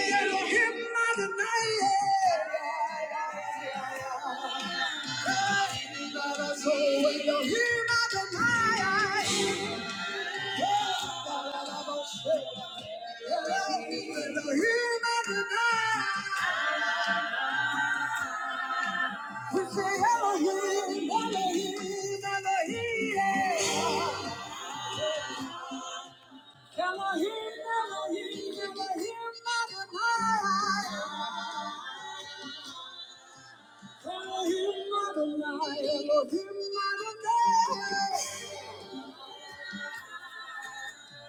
Elohim Adonai, Elohim Adonai.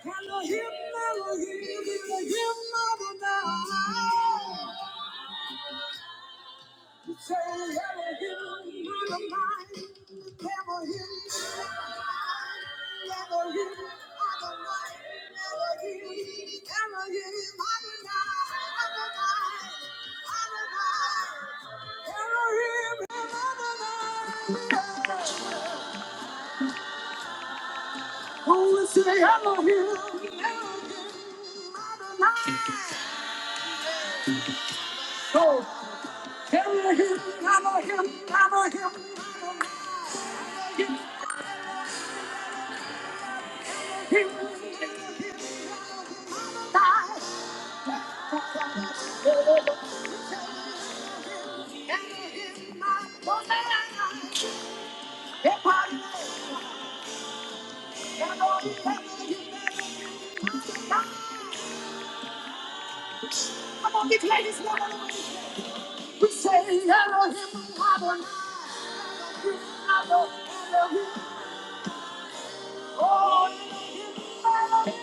Hello, him, hello, him, hello, him, hello, now. You say, hello, him, hello, mine. Hello, him, hello, him, hello, mine. Hello, him, hello, him, hello, now. Hello, mine, hello, mine. Hello, him, hello, now. Say, hello, him, hello, him, hello, Come on, declare this one. We say, Elohim, Adonai, Elohim, oh, Elohim, Elohim,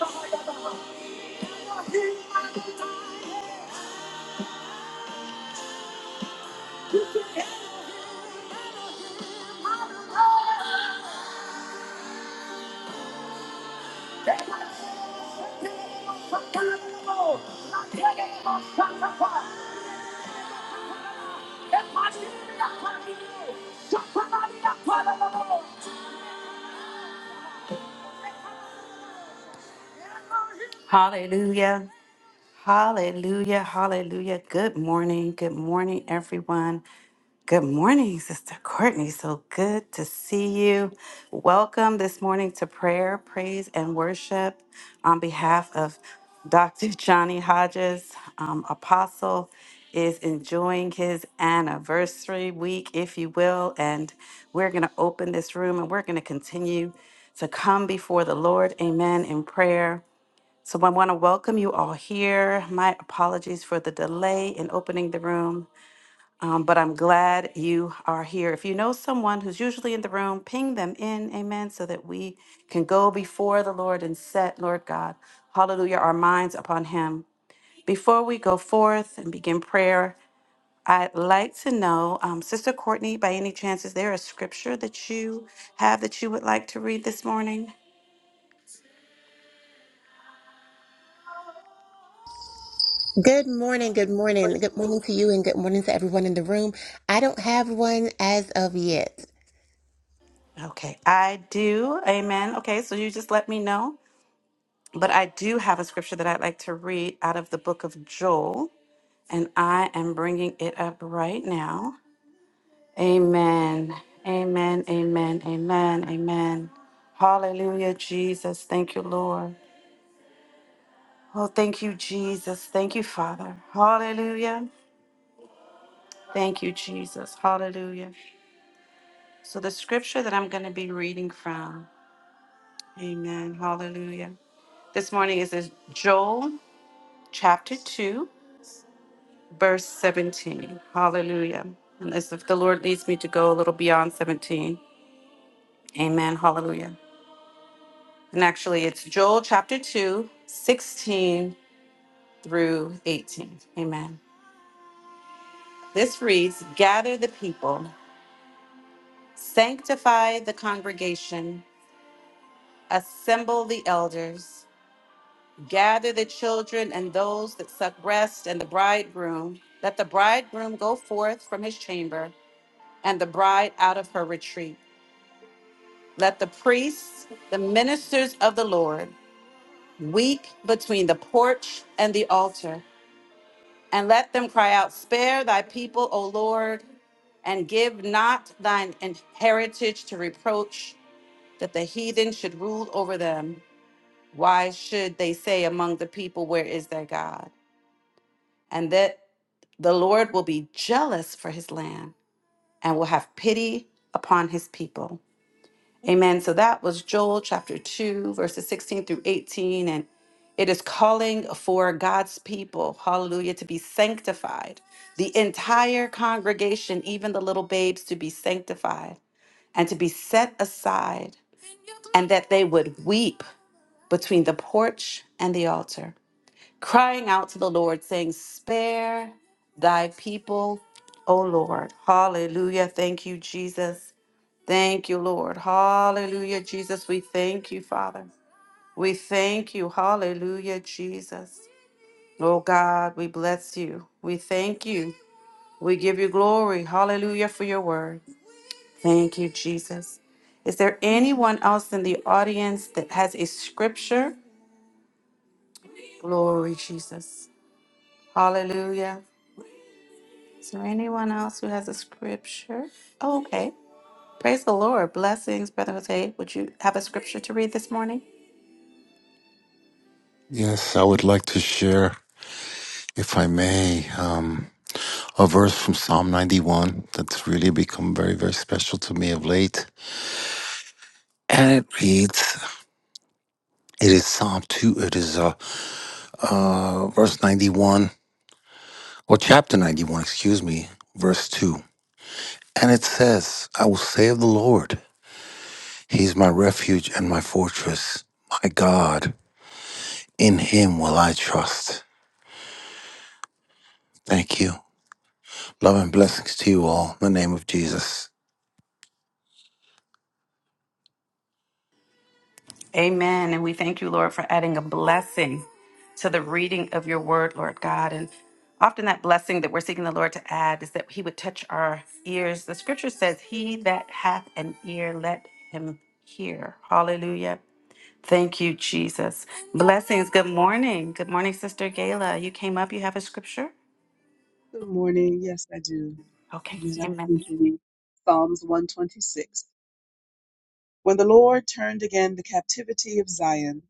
Elohim, Elohim, Elohim, Hallelujah. Hallelujah. Hallelujah. Good morning. Good morning, everyone. Good morning, Sister Courtney. So good to see you. Welcome this morning to prayer, praise, and worship on behalf of Dr. Johnny Hodges. Um, Apostle is enjoying his anniversary week, if you will. And we're going to open this room and we're going to continue to come before the Lord. Amen. In prayer. So I want to welcome you all here. My apologies for the delay in opening the room. Um, but I'm glad you are here. If you know someone who's usually in the room, ping them in, amen, so that we can go before the Lord and set, Lord God, hallelujah, our minds upon Him. Before we go forth and begin prayer, I'd like to know, um, Sister Courtney, by any chance, is there a scripture that you have that you would like to read this morning? Good morning, good morning. Good morning to you and good morning to everyone in the room. I don't have one as of yet. Okay, I do. Amen. Okay, so you just let me know. But I do have a scripture that I'd like to read out of the book of Joel. and I am bringing it up right now. Amen. Amen. Amen. Amen. Amen. Hallelujah, Jesus. Thank you, Lord. Oh, thank you, Jesus. Thank you, Father. Hallelujah. Thank you, Jesus. Hallelujah. So, the scripture that I'm going to be reading from, Amen. Hallelujah. This morning is in Joel chapter 2, verse 17. Hallelujah. Unless if the Lord leads me to go a little beyond 17. Amen. Hallelujah. And actually, it's Joel chapter two, sixteen through 18. Amen. This reads Gather the people, sanctify the congregation, assemble the elders, gather the children and those that suck breast, and the bridegroom. Let the bridegroom go forth from his chamber, and the bride out of her retreat. Let the priests, the ministers of the Lord, weep between the porch and the altar And let them cry out, Spare thy people, O Lord, and give not thine in- heritage to reproach, that the heathen should rule over them. Why should they say among the people, Where is their God? And that the Lord will be jealous for his land and will have pity upon his people. Amen. So that was Joel chapter 2, verses 16 through 18. And it is calling for God's people, hallelujah, to be sanctified. The entire congregation, even the little babes, to be sanctified and to be set aside, and that they would weep between the porch and the altar, crying out to the Lord, saying, Spare thy people, O Lord. Hallelujah. Thank you, Jesus. Thank you, Lord. Hallelujah, Jesus. We thank you, Father. We thank you. Hallelujah, Jesus. Oh God, we bless you. We thank you. We give you glory. Hallelujah for your word. Thank you, Jesus. Is there anyone else in the audience that has a scripture? Glory, Jesus. Hallelujah. Is there anyone else who has a scripture? Oh, okay. Praise the Lord. Blessings, Brother Jose. Would you have a scripture to read this morning? Yes, I would like to share, if I may, um, a verse from Psalm 91 that's really become very, very special to me of late. And it reads, it is Psalm 2, it is uh, uh, verse 91, or chapter 91, excuse me, verse 2. And it says, I will say of the Lord, He is my refuge and my fortress, my God, in Him will I trust. Thank you. Love and blessings to you all in the name of Jesus. Amen. And we thank you, Lord, for adding a blessing to the reading of your word, Lord God. And often that blessing that we're seeking the Lord to add is that he would touch our ears. The scripture says, He that hath an ear, let him hear. Hallelujah. Thank you, Jesus. Blessings. Good morning. Good morning, Sister Gayla. You came up, you have a scripture? Good morning. Yes, I do. Okay. Amen. I'm Amen. to read Psalms 126. When the Lord turned again the captivity of Zion,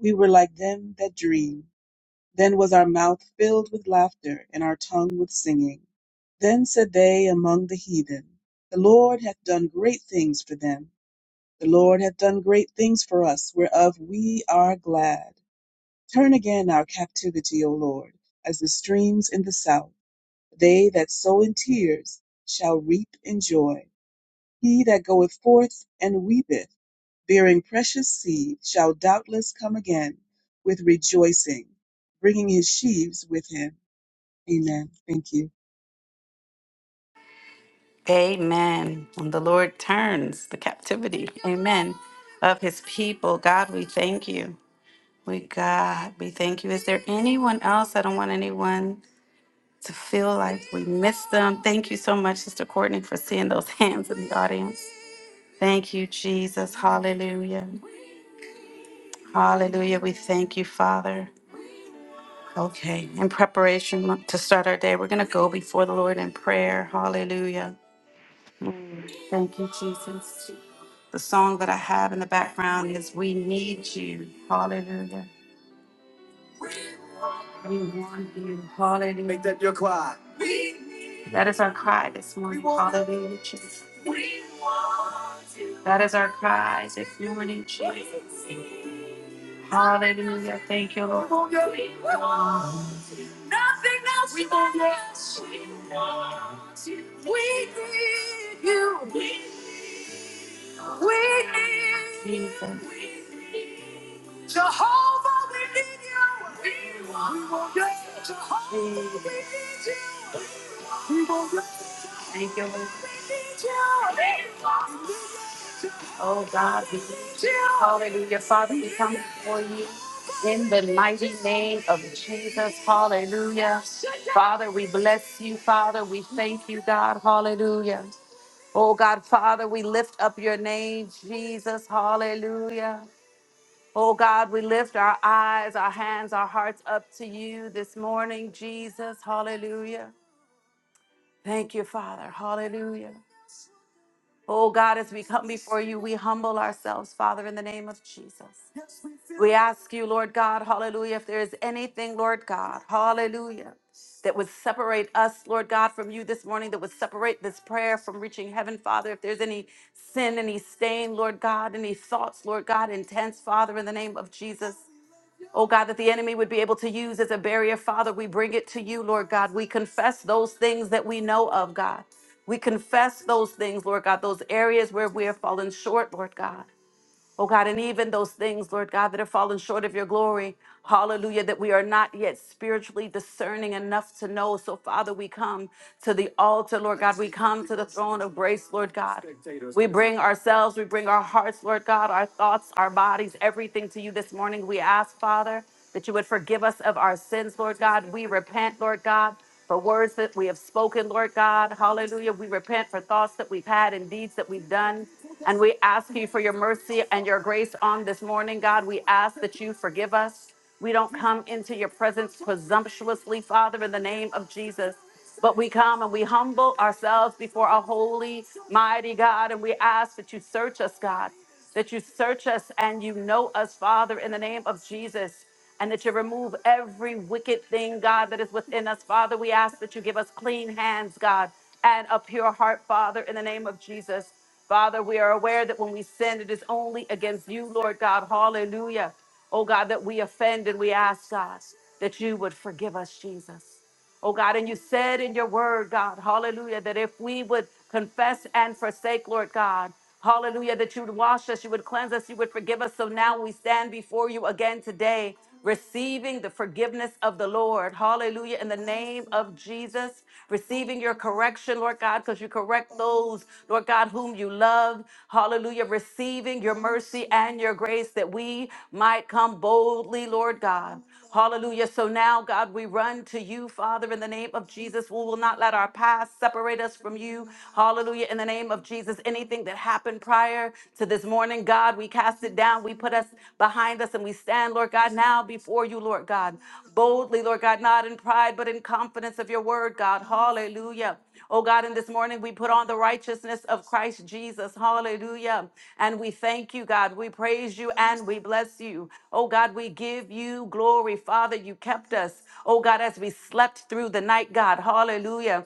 we were like them that dream. Then was our mouth filled with laughter and our tongue with singing. Then said they among the heathen, The Lord hath done great things for them. The Lord hath done great things for us, whereof we are glad. Turn again our captivity, O Lord, as the streams in the south. They that sow in tears shall reap in joy. He that goeth forth and weepeth, bearing precious seed, shall doubtless come again with rejoicing, bringing his sheaves with him. Amen. Thank you. Amen. And the Lord turns the captivity. Amen. Of his people. God, we thank you. We God, we thank you. Is there anyone else? I don't want anyone to feel like we missed them. Thank you so much, Sister Courtney, for seeing those hands in the audience. Thank you, Jesus. Hallelujah. Hallelujah. We thank you, Father. Okay, in preparation to start our day, we're going to go before the Lord in prayer. Hallelujah. Mm, Thank you, Jesus. The song that I have in the background is We Need You. Hallelujah. We want you. Hallelujah. Make that your cry. We need That is our cry this We morning. We want Hallelujah, Jesus. We want you. That is our cry this morning, Jesus. Hallelujah. Thank you, Lord. We want you. We want you. We need you. We need you. Jesus. Jehovah, we need you. We want, we want you. Jehovah, we need you. We want you. We need you. We want you. Hallelujah. Father, we come to Jesus. Hallelujah. Father, we bless you. Father, we thank you, God. Hallelujah. Oh, God, Father, we lift up your name, Jesus. Hallelujah. Oh, God, we lift our eyes, our hands, our hearts up to you this morning, Jesus. Hallelujah. Thank you, Father. Hallelujah. Oh, God, as we come before you, we humble ourselves, Father, in the name of Jesus. We ask you, Lord God, hallelujah, if there is anything, Lord God, hallelujah, that would separate us, Lord God, from you this morning, that would separate this prayer from reaching heaven, Father. If there's any sin, any stain, Lord God, any thoughts, Lord God, intense, Father, in the name of Jesus. Oh God, that the enemy would be able to use as a barrier, Father, we bring it to you, Lord God. We confess those things that we know of, God. We confess those things, Lord God, those areas where we have fallen short, Lord God. Oh God, and even those things, Lord God, that have fallen short of your glory, hallelujah, that we are not yet spiritually discerning enough to know. So, Father, we come to the altar, Lord God. We come to the throne of grace, Lord God. We bring ourselves, we bring our hearts, Lord God, our thoughts, our bodies, everything to you this morning. We ask, Father, that you would forgive us of our sins, Lord God. We repent, Lord God, for words that we have spoken, Lord God. Hallelujah. We repent for thoughts that we've had and deeds that we've done. And we ask you for your mercy and your grace on this morning, God. We ask that you forgive us. We don't come into your presence presumptuously, Father, in the name of Jesus. But we come and we humble ourselves before our holy, mighty God, and we ask that you search us, God, that you search us and you know us, Father, in the name of Jesus, and that you remove every wicked thing, God, that is within us, Father. We ask that you give us clean hands, God, and a pure heart, Father, in the name of Jesus. Father, we are aware that when we sin, it is only against you, Lord God. Hallelujah. Oh God, that we offend and we ask, God, that you would forgive us, Jesus. Oh God, and you said in your word, God, hallelujah, that if we would confess and forsake, Lord God, hallelujah, that you would wash us, you would cleanse us, you would forgive us. So now we stand before you again today, receiving the forgiveness of the Lord, hallelujah, in the name of Jesus, receiving your correction, Lord God, because you correct those, Lord God, whom you love love. Hallelujah. Receiving your mercy and your grace that we might come boldly, Lord God. Hallelujah. So now, God, we run to you, Father, in the name of Jesus. We will not let our past separate us from you. Hallelujah. In the name of Jesus, anything that happened prior to this morning, God, we cast it down. We put us behind us and we stand, Lord God, now now before you, Lord God, boldly, Lord God, not in pride, but in confidence of your word, God. Hallelujah. Oh God, in this morning we put on the righteousness of Christ Jesus. Hallelujah. And we thank you, God. We praise you and we bless you. Oh God, we give you glory. Father, you kept us. Oh God, as we slept through the night, God. Hallelujah.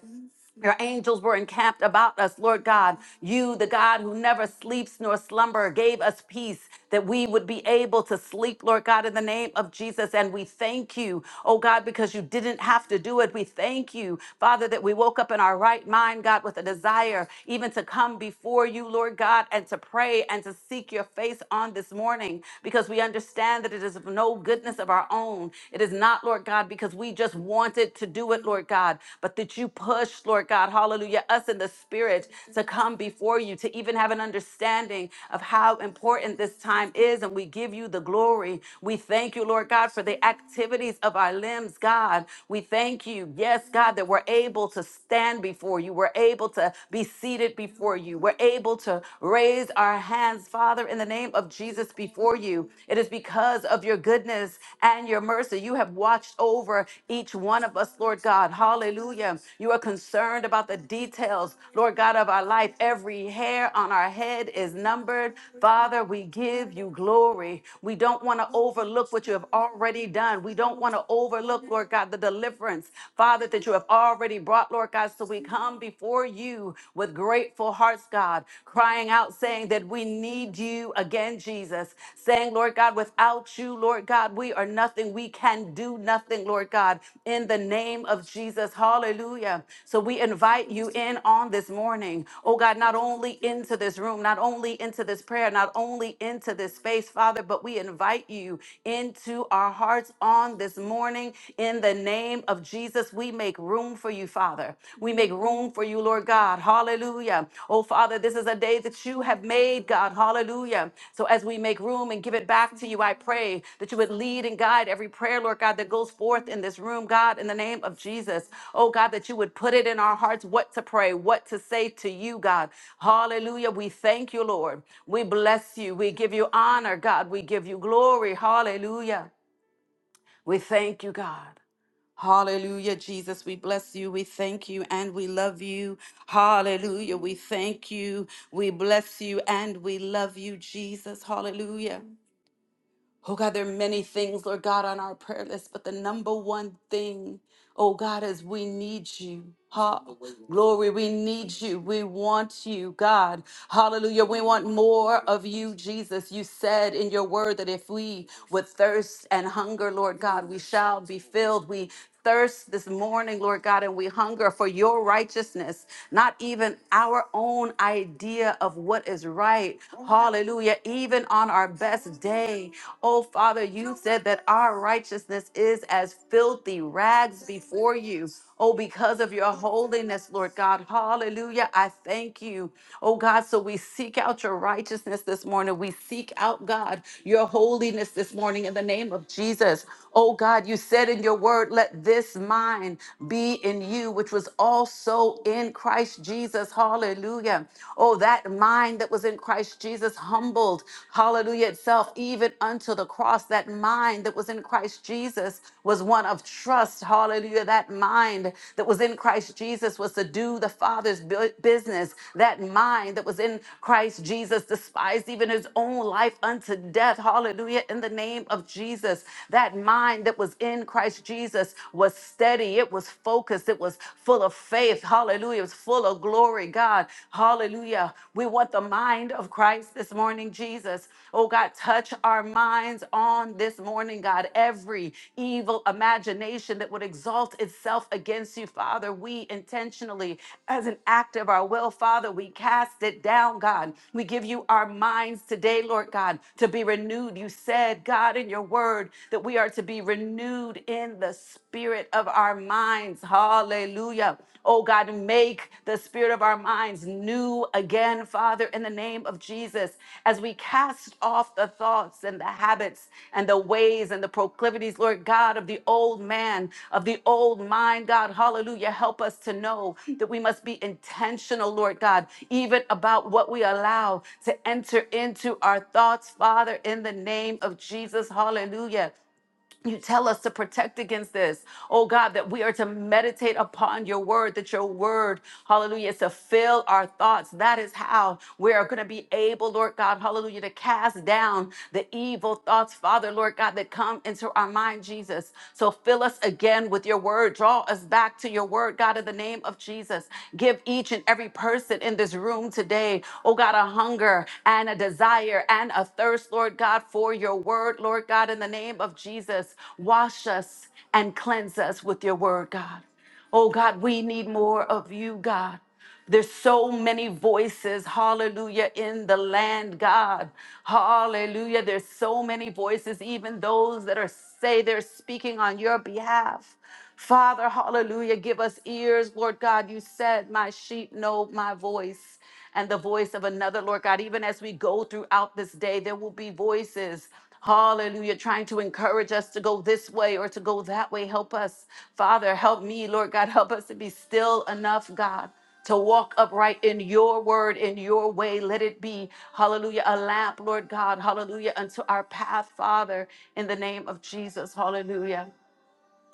Your angels were encamped about us, Lord God. You, the God who never sleeps nor slumber, gave us peace that we would be able to sleep, Lord God, in the name of Jesus. And we thank you, oh God, because you didn't have to do it. We thank you, Father, that we woke up in our right mind, God, with a desire even to come before you, Lord God, and to pray and to seek your face on this morning because we understand that it is of no goodness of our own. It is not, Lord not, Lord God, because we just wanted to do it, Lord God, but that you pushed, Lord God, hallelujah, us in the spirit to come before you, to even have an understanding of how important this time is. And we give you the glory. We thank you, Lord God, for the activities of our limbs, God. We thank you, yes, God, that we're able to stand before you. We're able to be seated before you. We're able to raise our hands, Father, in the name of Jesus, before you. It is because of your goodness and your mercy. You have watched over each one of us, Lord God. Hallelujah. You are concerned about the details, Lord God, of our life. Every hair on our head is numbered. Father, we give you glory. We don't want to overlook what you have already done. We don't want to overlook, Lord God, the deliverance, Father, that you have already brought, Lord God. So we come before you with grateful hearts grateful hearts, God, crying out, saying that we need you again, Jesus, saying, Lord God, without you, Lord God, we are nothing. We can do nothing, Lord God, in the name of Jesus. Hallelujah. So we invite you in on this morning, oh God, not only into this room, not only into this prayer, not only into this space, Father, but we invite you into our hearts on this morning in the name of Jesus. We make room for you, Father. We make room for you, Lord God. Hallelujah. Oh, Father, this is a day that you have made, God. Hallelujah. So as we make room and give it back to you, I pray that you would lead and guide every prayer, Lord God, that goes forth in this room, God, in the name of Jesus. Oh, God, that you would put it in our hearts what to pray, what to say to you, God. Hallelujah. We thank you, Lord. We bless you. We give you honor, God. We give you glory. Hallelujah. We thank you, God. Hallelujah, Jesus. We bless you. We thank you and we love you. Hallelujah. We thank you. We bless you and we love you, Jesus. Hallelujah. Oh God, there are many things, Lord God, on our prayer list, but the number one thing, oh God, is we need you. Ha- glory, we need you. We want you, God. Hallelujah. We want more of you, Jesus. You said in your word that if we would thirst and hunger, Lord God, we shall be filled. We thirst this morning, Lord God, and we hunger for your righteousness, not even our own idea of what is right. Hallelujah. Even on our best day, oh Father, you said that our righteousness is as filthy rags before you. Oh, because of your holiness, Lord God. Hallelujah. I thank you. Oh God, so we seek out your righteousness this morning. We seek out, God, your holiness this morning in the name of Jesus. Oh God, you said in your word, your word, let this mind be in you, which was also in Christ Jesus. Hallelujah. Oh, that mind that was in Christ Jesus humbled, hallelujah, itself, even unto the cross. That mind that was in Christ Jesus was one of trust. Hallelujah. That mind that was in Christ Jesus was to do the Father's bu- business. That mind that was in Christ Jesus despised even his own life unto death. Hallelujah. In the name of Jesus. That mind that was in in Christ Jesus was steady, it was focused, it was full of faith. Hallelujah. It was full of glory, God. Hallelujah. We want the mind of Christ this morning, Jesus. Oh, God, touch our minds on this morning, God. Every evil imagination that would exalt itself against you, Father, we intentionally, as an act of our will, Father, we cast it down, God. We give you our minds today, Lord God, to be renewed. You said, God, in your word, that we are to be be renewed in the spirit of our minds. Hallelujah. Oh God, make the spirit of our minds new again, Father, in the name of Jesus, as we cast off the thoughts and the habits and the ways and the proclivities, Lord God, of the old man, of the old mind, God. Hallelujah. Help us to know that we must be intentional, Lord God, even about what we allow to enter into our thoughts, Father, in the name of Jesus. Hallelujah. You tell us to protect against this, oh God, that we are to meditate upon your word, that your word, hallelujah, is to fill our thoughts. That is how we are going to be able, Lord God, hallelujah, to cast down the evil thoughts, Father, Lord God, that come into our mind, Jesus. So fill us again with your word. Draw us back to your word, God, in the name of Jesus. Give each and every person in this room today, oh God, a hunger and a desire desire and a thirst, Lord God, for your word, Lord God, in the name of Jesus. Wash us and cleanse us with your word, God. Oh God, we need more of you, God. There's so many voices, hallelujah, in the land, God. Hallelujah. There's so many voices, even those that are say they're speaking on your behalf. Father, hallelujah, give us ears, Lord God. You said, My sheep know my voice and the voice of another, Lord God. Even as we go throughout this day, there will be voices. Hallelujah, trying to encourage us to go this way or to go that way. Help us, Father. Help me, Lord God. Help us to be still enough, God, to walk upright in your word, in your way. Let it be, hallelujah, a lamp, Lord God, hallelujah, unto our path, Father, in the name of Jesus. Hallelujah.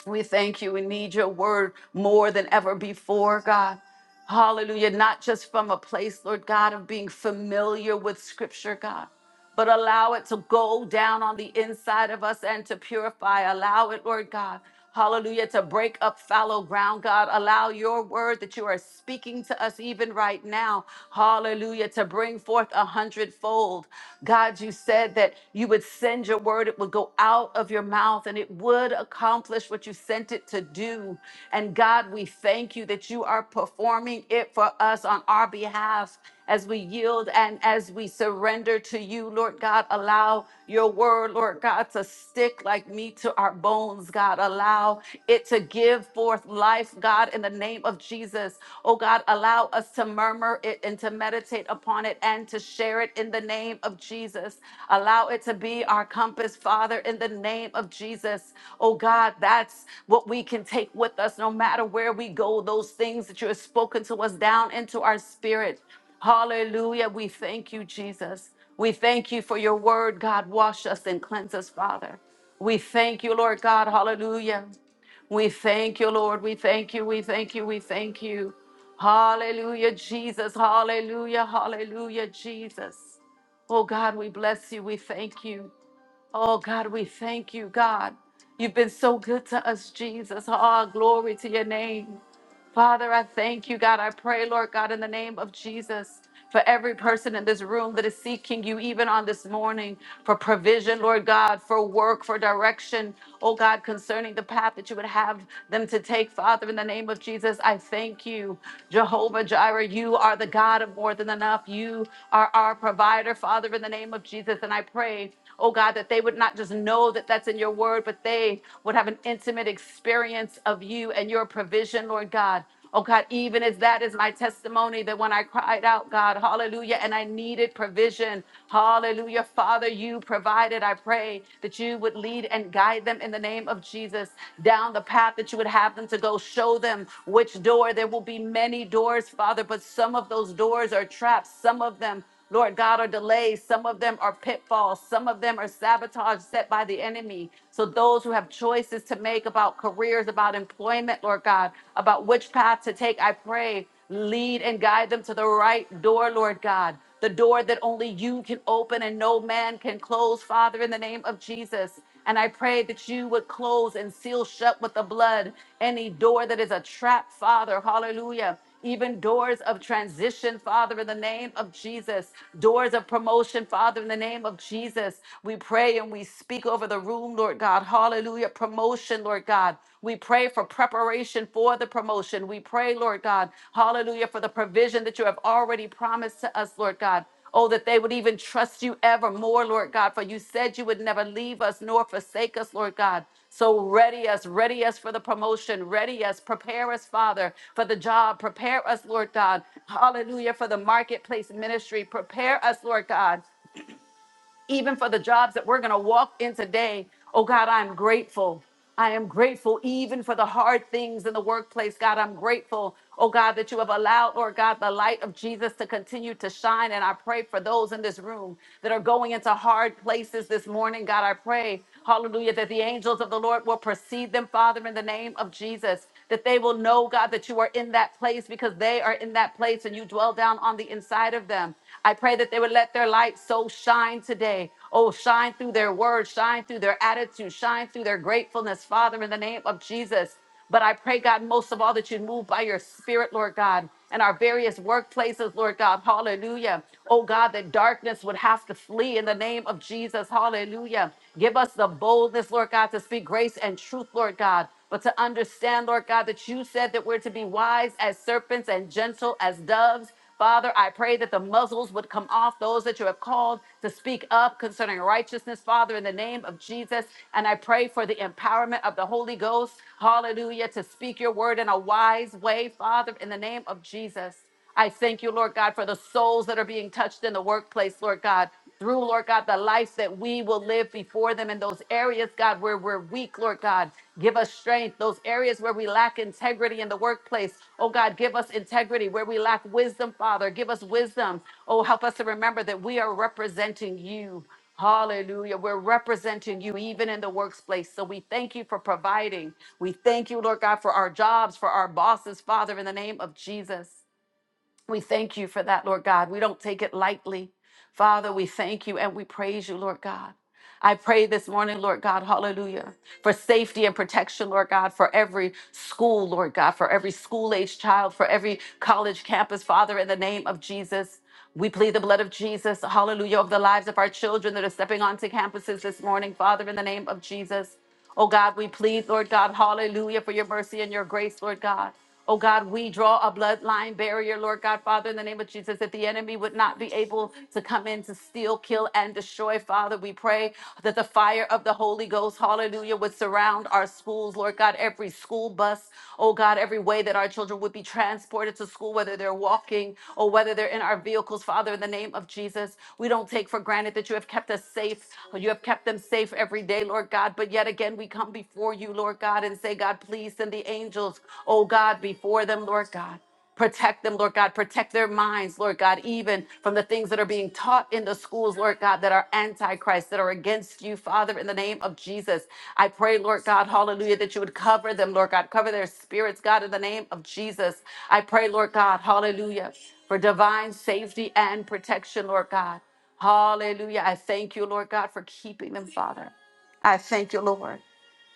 We thank you. We need your word more than ever before, God. Hallelujah. Not just from a place, Lord God, of being familiar with scripture, God but allow it to go down on the inside of us and to purify. Allow it, Lord God. Hallelujah, to break up fallow ground, God. Allow your word that you are speaking to us even right now, hallelujah, to bring forth a hundredfold. God, you said that you would send your word, it would go out of your mouth and it would accomplish what you sent it to do. And God, we thank you that you are performing it for us on our behalf as we yield and as we surrender to you, Lord God. Allow your word, Lord God, to stick like meat to our bones, God. Allow it to give forth life, God, in the name of Jesus. Oh, God, allow us to murmur it and to meditate upon it and to share it in the name of Jesus. Allow it to be our compass, Father, in the name of Jesus. Oh, God, that's what we can take with us no matter where we go, those things that you have spoken to us down into our spirit. Hallelujah. We thank you, Jesus. We thank you for your word, God. Wash us and cleanse us, Father. We thank you, Lord God. Hallelujah. We thank you, Lord. We thank you. We thank you. We thank you. Hallelujah, Jesus. Hallelujah. Hallelujah, Jesus. Oh, God, we bless you. We thank you. Oh God, we thank you, God. You've been so good to us, Jesus. Oh, glory to your name. Father, I thank you, God. I pray, Lord God, in the name of Jesus. For every person in this room that is seeking you, even on this morning, for provision, Lord God, for work, for direction, oh God, concerning the path that you would have them to take, Father, in the name of Jesus, I thank you. Jehovah Jireh, you are the God of more than enough. You are our provider, Father, in the name of Jesus. And I pray oh God, that they would not just know that that's in your word, but they would have an intimate experience of you and your provision, Lord God. Oh God, even as that is my testimony, that when I cried out, God, hallelujah, and I needed provision, hallelujah, Father, you provided. I pray that you would lead and guide them in the name of Jesus down the path that you would have them to go. Show them which door. There will be many doors, Father, but some of those doors are traps. Some of them Lord God, are delays. Some of them are pitfalls. Some of them are sabotage set by the enemy. So those who have choices to make about careers, about employment, Lord God, about which path to take, I pray, lead and guide them to the right door, Lord God. The door that only you can open and no man can close, Father, in the name of Jesus. And I pray that you would close and seal shut with the blood any door that is a trap, Father. Hallelujah. Even doors of transition, Father, in the name of Jesus. Doors of promotion, Father, in the name of Jesus. We pray and we speak over the room, Lord God. Hallelujah. Promotion, Lord God. We pray for preparation for the promotion. We pray, Lord God. Hallelujah. For the provision that you have already promised to us, Lord God. Oh, that they would even trust you ever more, Lord God, for you said you would never leave us nor forsake us, Lord God. So ready us, ready us for the promotion, ready us, prepare us, Father, for the job, prepare us, Lord God. Hallelujah, for the marketplace ministry, prepare us, Lord God even for the jobs that we're going to walk in today. Oh God, I'm grateful. I am grateful even for the hard things in the workplace. God, I'm grateful. Oh God, that you have allowed, Lord God, the light of Jesus to continue to shine. And I pray for those in this room that are going into hard places this morning. God, I pray, hallelujah, that the angels of the Lord will precede them, Father, in the name of Jesus that they will know, God, that you are in that place because they are in that place and you dwell down on the inside of them. I pray that they would let their light so shine today. Oh, shine through their words, shine through their attitude, shine through their gratefulness, Father, in the name of Jesus. But I pray, God, most of all, that you move by your spirit, Lord God and our various workplaces, Lord God. Hallelujah. Oh God, that darkness would have to flee in the name of Jesus. Hallelujah. Give us the boldness, Lord God, to speak grace and truth, Lord God. But to understand, Lord God, that you said that we're to be wise as serpents and gentle as doves. Father, I pray that the muzzles would come off those that you have called to speak up concerning righteousness, Father, in the name of Jesus. And I pray for the empowerment of the Holy Ghost, hallelujah, to speak your word in a wise way, Father, in the name of Jesus. I thank you, Lord God, for the souls that are being touched in the workplace, Lord God through, Lord God, the life that we will live before them in those areas, God, where we're weak, Lord God. Give us strength. Those areas where we lack integrity in the workplace, oh God, give us integrity. Where we lack wisdom, Father, give us wisdom. Oh, help us to remember that we are representing you. Hallelujah. We're representing you even in the workplace. So we thank you for providing. We thank you, Lord God, for our jobs, for our bosses, Father, in the name of Jesus. We thank you for that, Lord God. We don't take it lightly. Father, we thank you and we praise you, Lord God. I pray this morning, Lord God, hallelujah, for safety and protection, Lord God, for every school, Lord God, for every school age child, for every college campus, Father, in the name of Jesus. We plead the blood of Jesus, hallelujah, over the lives of our children that are stepping onto campuses this morning, Father, in the name of Jesus. Oh God, we plead, Lord God, hallelujah, for your mercy and your grace, Lord God. Oh God, we draw a bloodline barrier, Lord God, Father, in the name of Jesus, that the enemy would not be able to come in to steal, kill, and destroy. Father, we pray that the fire of the Holy Ghost, hallelujah, would surround our schools, Lord God, every school bus, oh God, every way that our children would be transported to school, whether they're walking or whether they're in our vehicles, Father, in the name of Jesus. We don't take for granted that you have kept us safe. You have kept them safe every day, Lord God. God. But yet again, we come before you, Lord God, and say, God, please send the angels, oh God, before them, Lord God. Protect them, Lord God. Protect their minds, Lord God, even from the things that are being taught in the schools, Lord God, that are antichrist, that are against you, Father, in the name of Jesus. I pray, Lord God, hallelujah, that you would cover them, Lord God. Cover their spirits, God, in the name of Jesus. I pray, Lord God, hallelujah, for divine safety and protection, Lord God. Hallelujah. I thank you, Lord God, for keeping them, Father. I thank you, Lord.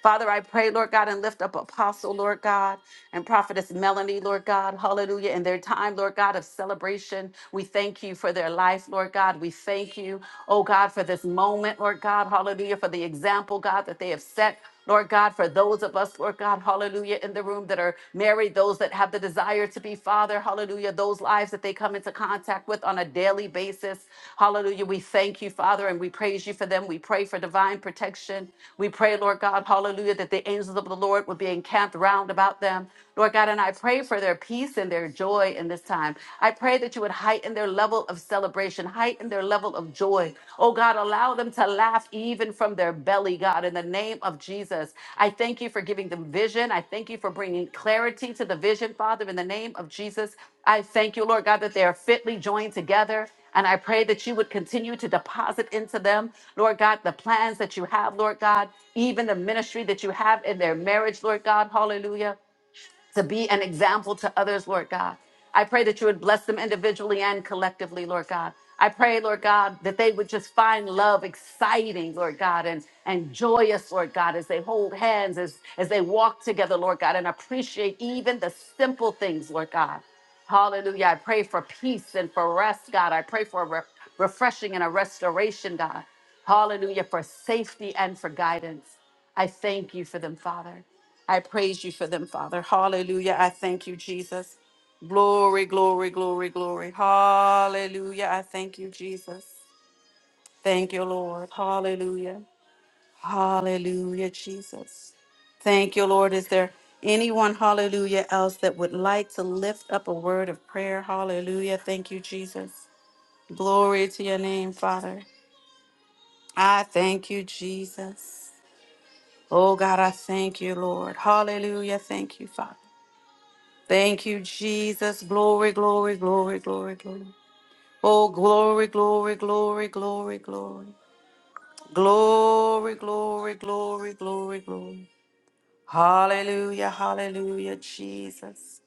Father, I pray, Lord God, and lift up Apostle, Lord God, and Prophetess Melanie, Lord God, hallelujah, in their time, Lord God, of celebration. We thank you for their life, Lord God. We thank you, oh God, for this moment, Lord God, hallelujah, for the example, God, that they have set. Lord God, for those of us, Lord God, hallelujah, in the room that are married, those that have the desire to be father, hallelujah hallelujah, those lives that they come into contact with on a daily basis. Hallelujah. We thank you, Father, and we praise you for them. We pray for divine protection. We pray, Lord God, hallelujah, that the angels of the Lord would be encamped round about them. Lord God, and I pray for their peace and their joy in this time. I pray that you would heighten their level of celebration, heighten their level of joy. Oh God, allow them to to laugh even from their belly, God, in the name of Jesus. I thank you for giving them vision. I thank you for bringing clarity to the vision, Father, in the name of Jesus. I thank you, Lord God, that they are fitly joined together. And I pray that you would continue to deposit into them, Lord God, the plans that you have, Lord God, even the ministry that you have in their marriage, Lord God. Hallelujah to be an example to others, Lord God. I pray that you would bless them individually and collectively, Lord God. I pray, Lord God, that they would just find love exciting, Lord God, and, and joyous, Lord God, as they hold hands, as, as they walk together, Lord God, and appreciate even the simple things, Lord God. Hallelujah. I pray for peace and for rest, God. I pray for re- refreshing and a restoration, God. Hallelujah. For safety and for guidance. I thank you for them, Father. I praise you for them, Father. Hallelujah. I thank you, Jesus. Glory, glory, glory, glory. Hallelujah. I thank you, Jesus. Thank you, Lord. Hallelujah. Hallelujah, Jesus. Thank you, Lord. Is there anyone, hallelujah, else that would like to lift up a word of prayer? Hallelujah. Thank you, Jesus. Glory to your name, Father. I thank you, Jesus. Oh God, I thank you, Lord. Hallelujah. Thank you, Father. Thank you, Jesus. Glory, glory, glory, glory, glory. Oh, glory, glory, glory, glory, glory. Glory, glory, glory, glory, glory. Hallelujah, hallelujah, Jesus.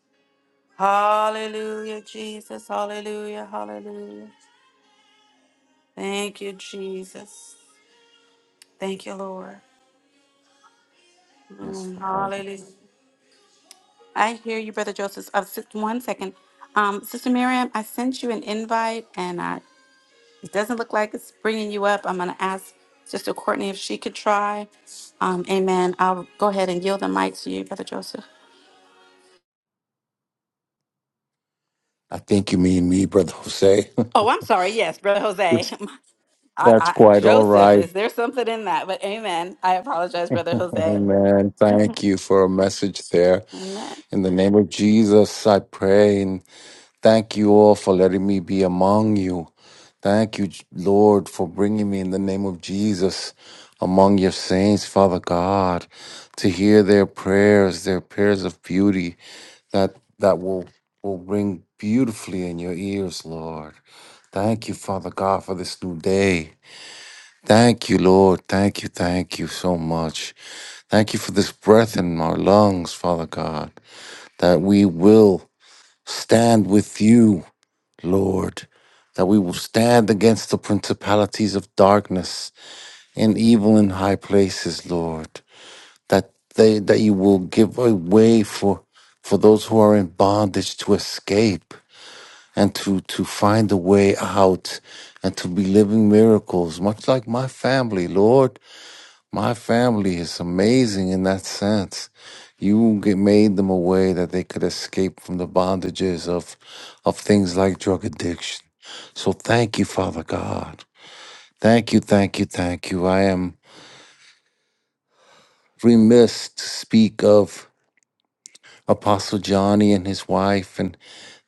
Hallelujah, Jesus. Hallelujah, hallelujah. Thank you, Jesus. Thank you, Lord. Yes, Mm, Lord. hallelujah. I hear you, Brother Joseph. Uh, sis- one second. Um, Sister Miriam, I sent you an invite and I like it's bringing you up, I'm going to ask Sister Courtney if she could try. Um, amen. I'll go ahead and yield the mic to you, Brother Joseph. I think you mean me, Brother Jose. Oh, I'm sorry. Yes, Brother Jose. I, That's I, quite all Joseph, right. is there something in that? But amen. I apologize, Brother Jose. Amen. Thank you for a message there. Amen. In the name of Jesus, I pray and thank you all for letting me be among you. Thank you, Lord, for bringing me in the name of Jesus among your saints, Father God, to hear their prayers, their prayers of beauty that, that will, will ring beautifully in your ears, Lord. Thank you, Father God, for this new day. Thank you, Lord. Thank you. Thank you so much. Thank you for this breath in our lungs, Father God, that we will stand with you, Lord, that we will stand against the principalities of darkness and evil in high places, Lord, that they, that you will give a way for, for those who are in bondage to escape and to, to find a way out and to be living miracles, much like my family, Lord. My family is amazing in that sense. You get made them a way that they could escape from the bondages of of things like drug addiction. So thank you, Father God. Thank you, thank you, thank you. I am remiss to speak of Apostle Johnny and his wife and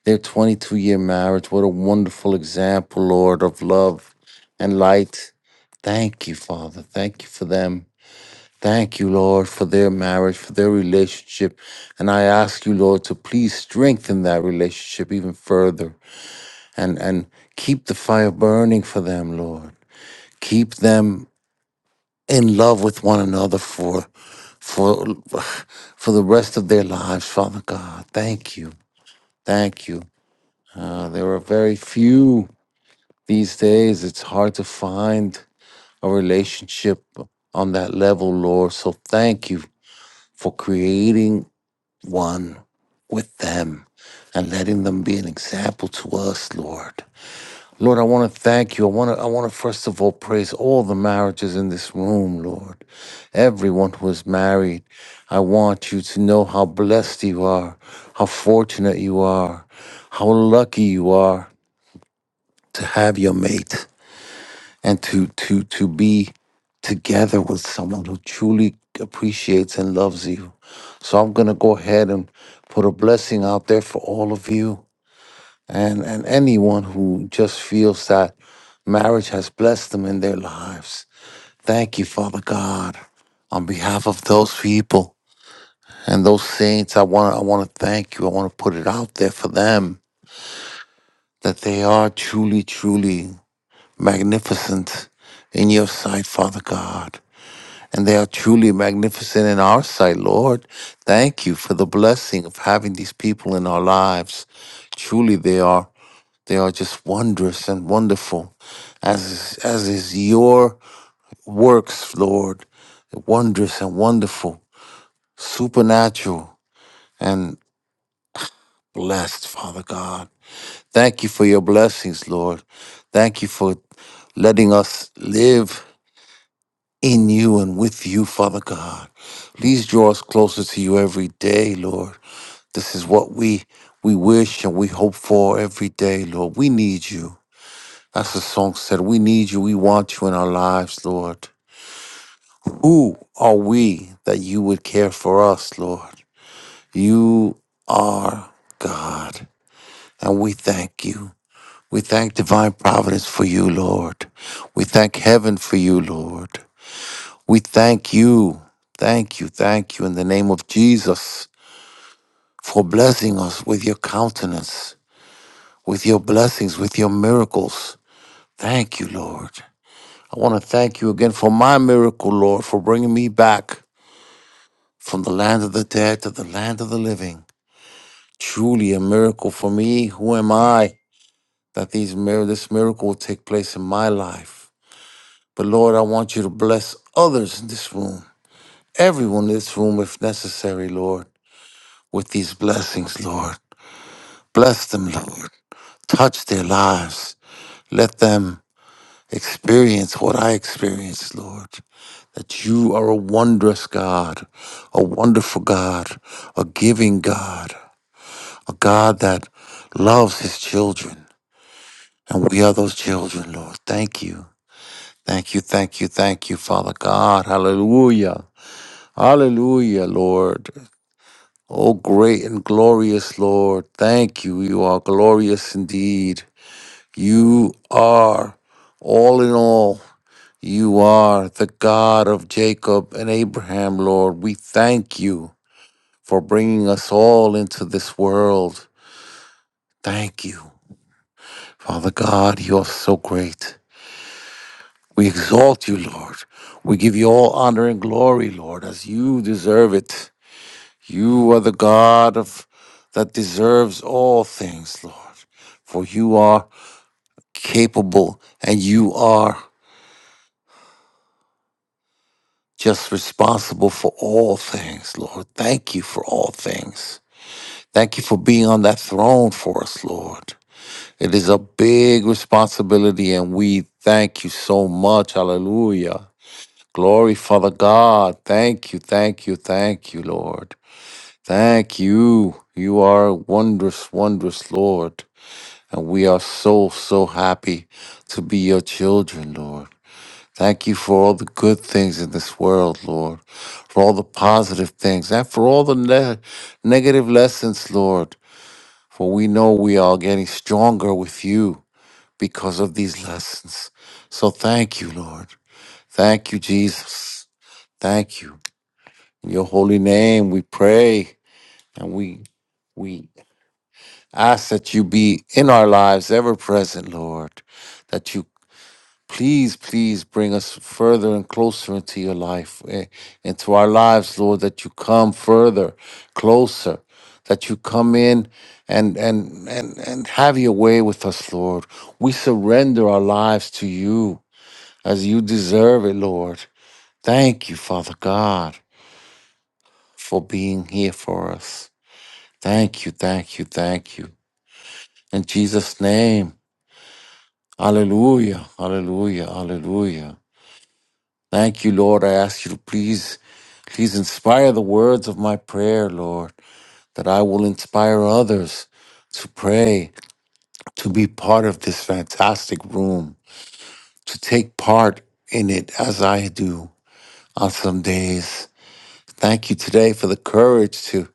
their 22 year marriage. What a wonderful example, Lord, of love and light. Thank you, Father. Thank you for them. Thank you, Lord, for their marriage, for their relationship. And I ask you, Lord, to please strengthen that relationship even further and, and keep the fire burning for them, Lord. Keep them in love with one another for for for the rest of their lives, Father God. Thank you. Thank you. Uh, there are very few these days. It's hard to find a relationship on that level, Lord. So thank you for creating one with them and letting them be an example to us, Lord. Lord, I want to thank you. I want to I want to first of all praise all the marriages in this room, Lord. Everyone who is married, I want you to know how blessed you are, how fortunate you are, how lucky you are to have your mate and to to to be together with someone who truly appreciates and loves you. So I'm gonna go ahead and put a blessing out there for all of you and and anyone who just feels that marriage has blessed them in their lives. Thank you, Father God, on behalf of those people and those saints. I want I want to thank you. I want to put it out there for them that they are truly, truly magnificent in your sight, Father God. and they are truly magnificent in our sight, Lord. Thank you for the blessing of having these people in our lives. Truly, they are they are just wondrous and wonderful, as is, as is your works, Lord, wondrous and wonderful, supernatural and blessed, Father God. Thank you for your blessings, Lord. Thank you for letting us live in you and with you, Father God. Please draw us closer to you every day, Lord. This is what we we wish and we hope for every day, Lord. We need you. That's the song said. We need you. We want you in our lives, Lord. Who are we that you would care for us, Lord? You are God, and we thank you. We thank divine providence for you, Lord. We thank heaven for you, Lord. We thank you, thank you, thank you in the name of Jesus for blessing us with your countenance, with your blessings, with your miracles. Thank you, Lord. I want to thank you again for my miracle, Lord, for bringing me back from the land of the dead to the land of the living. Truly a miracle for me. Who am I that these mir- this miracle will take place in my life? But Lord, I want you to bless others in this room, everyone in this room if necessary, Lord. with these blessings, Lord. Bless them, Lord. Touch their lives. Let them experience what I experienced, Lord. That you are a wondrous God, a wonderful God, a giving God, a God that loves his children. And we are those children, Lord. Thank you. Thank you, thank you, thank you, Father God. Hallelujah. Hallelujah, Lord. O great and glorious Lord, thank you. You are glorious indeed. You are all in all. You are the God of Jacob and Abraham, Lord. We thank you for bringing us all into this world. Thank you. Father God, you are so great. We exalt you, Lord. We give you all honor and glory, Lord, as you deserve it. You are the God of that deserves all things, Lord. For you are capable and you are just responsible for all things, Lord. Thank you for all things. Thank you for being on that throne for us, Lord. It is a big responsibility and we thank you so much. Hallelujah. Glory, Father God. Thank you, thank you, thank you, Lord. Thank you. You are wondrous, wondrous, Lord. And we are so, so happy to be your children, Lord. Thank you for all the good things in this world, Lord, for all the positive things, and for all the ne- negative lessons, Lord. For we know we are getting stronger with you because of these lessons. So thank you, Lord. Thank you, Jesus. Thank you. In your holy name, we pray and we we ask that you be in our lives ever present, Lord, that you Please, please bring us further and closer into your life, eh, into our lives, Lord, that you come further, closer, that you come in and, and, and, and have your way with us, Lord. We surrender our lives to you as you deserve it, Lord. Thank you, Father God, for being here for us. Thank you, thank you, thank you. In Jesus' name, hallelujah, hallelujah, hallelujah. Thank you, Lord. I ask you to please, please inspire the words of my prayer, Lord, that I will inspire others to pray, to be part of this fantastic room, to take part in it as I do on some days. Thank you today for the courage to,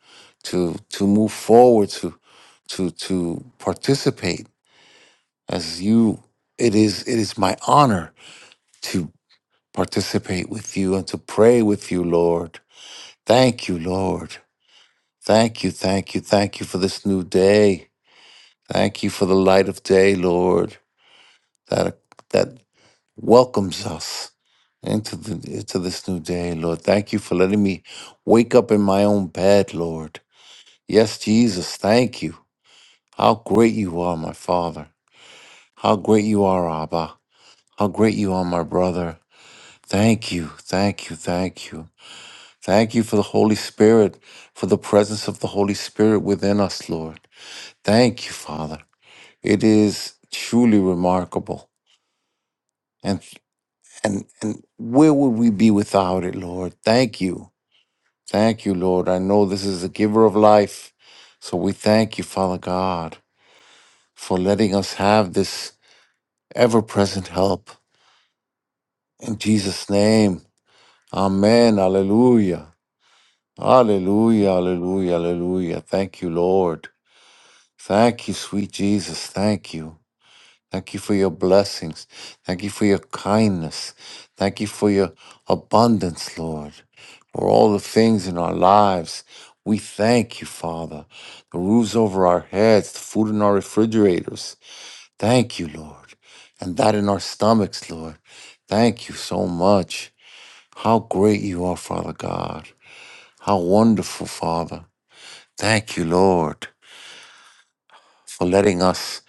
to, to move forward, to, to, to participate as you. It is, it is my honor to participate with you and to pray with you, Lord. Thank you, Lord. Thank you, thank you, thank you for this new day. Thank you for the light of day, Lord, that that welcomes us into the into this new day, Lord. Thank you for letting me wake up in my own bed, Lord. Yes, Jesus, thank you. How great you are, my Father. How great you are, Abba. How great you are, my brother. Thank you, thank you, thank you. Thank you for the Holy Spirit, for the presence of the Holy Spirit within us, Lord. Thank you, Father. It is truly remarkable. And and and where would we be without it, Lord? Thank you. Thank you, Lord. I know this is the giver of life. So we thank you, Father God, for letting us have this ever-present help. In Jesus' name. Amen. Hallelujah. Hallelujah. Hallelujah. Hallelujah. Thank you, Lord. Thank you, sweet Jesus. Thank you. Thank you for your blessings. Thank you for your kindness. Thank you for your abundance, Lord, for all the things in our lives. We thank you, Father. The roofs over our heads, the food in our refrigerators. Thank you, Lord. And that in our stomachs, Lord. Thank you so much. How great you are, Father God. How wonderful, Father. Thank you, Lord for letting us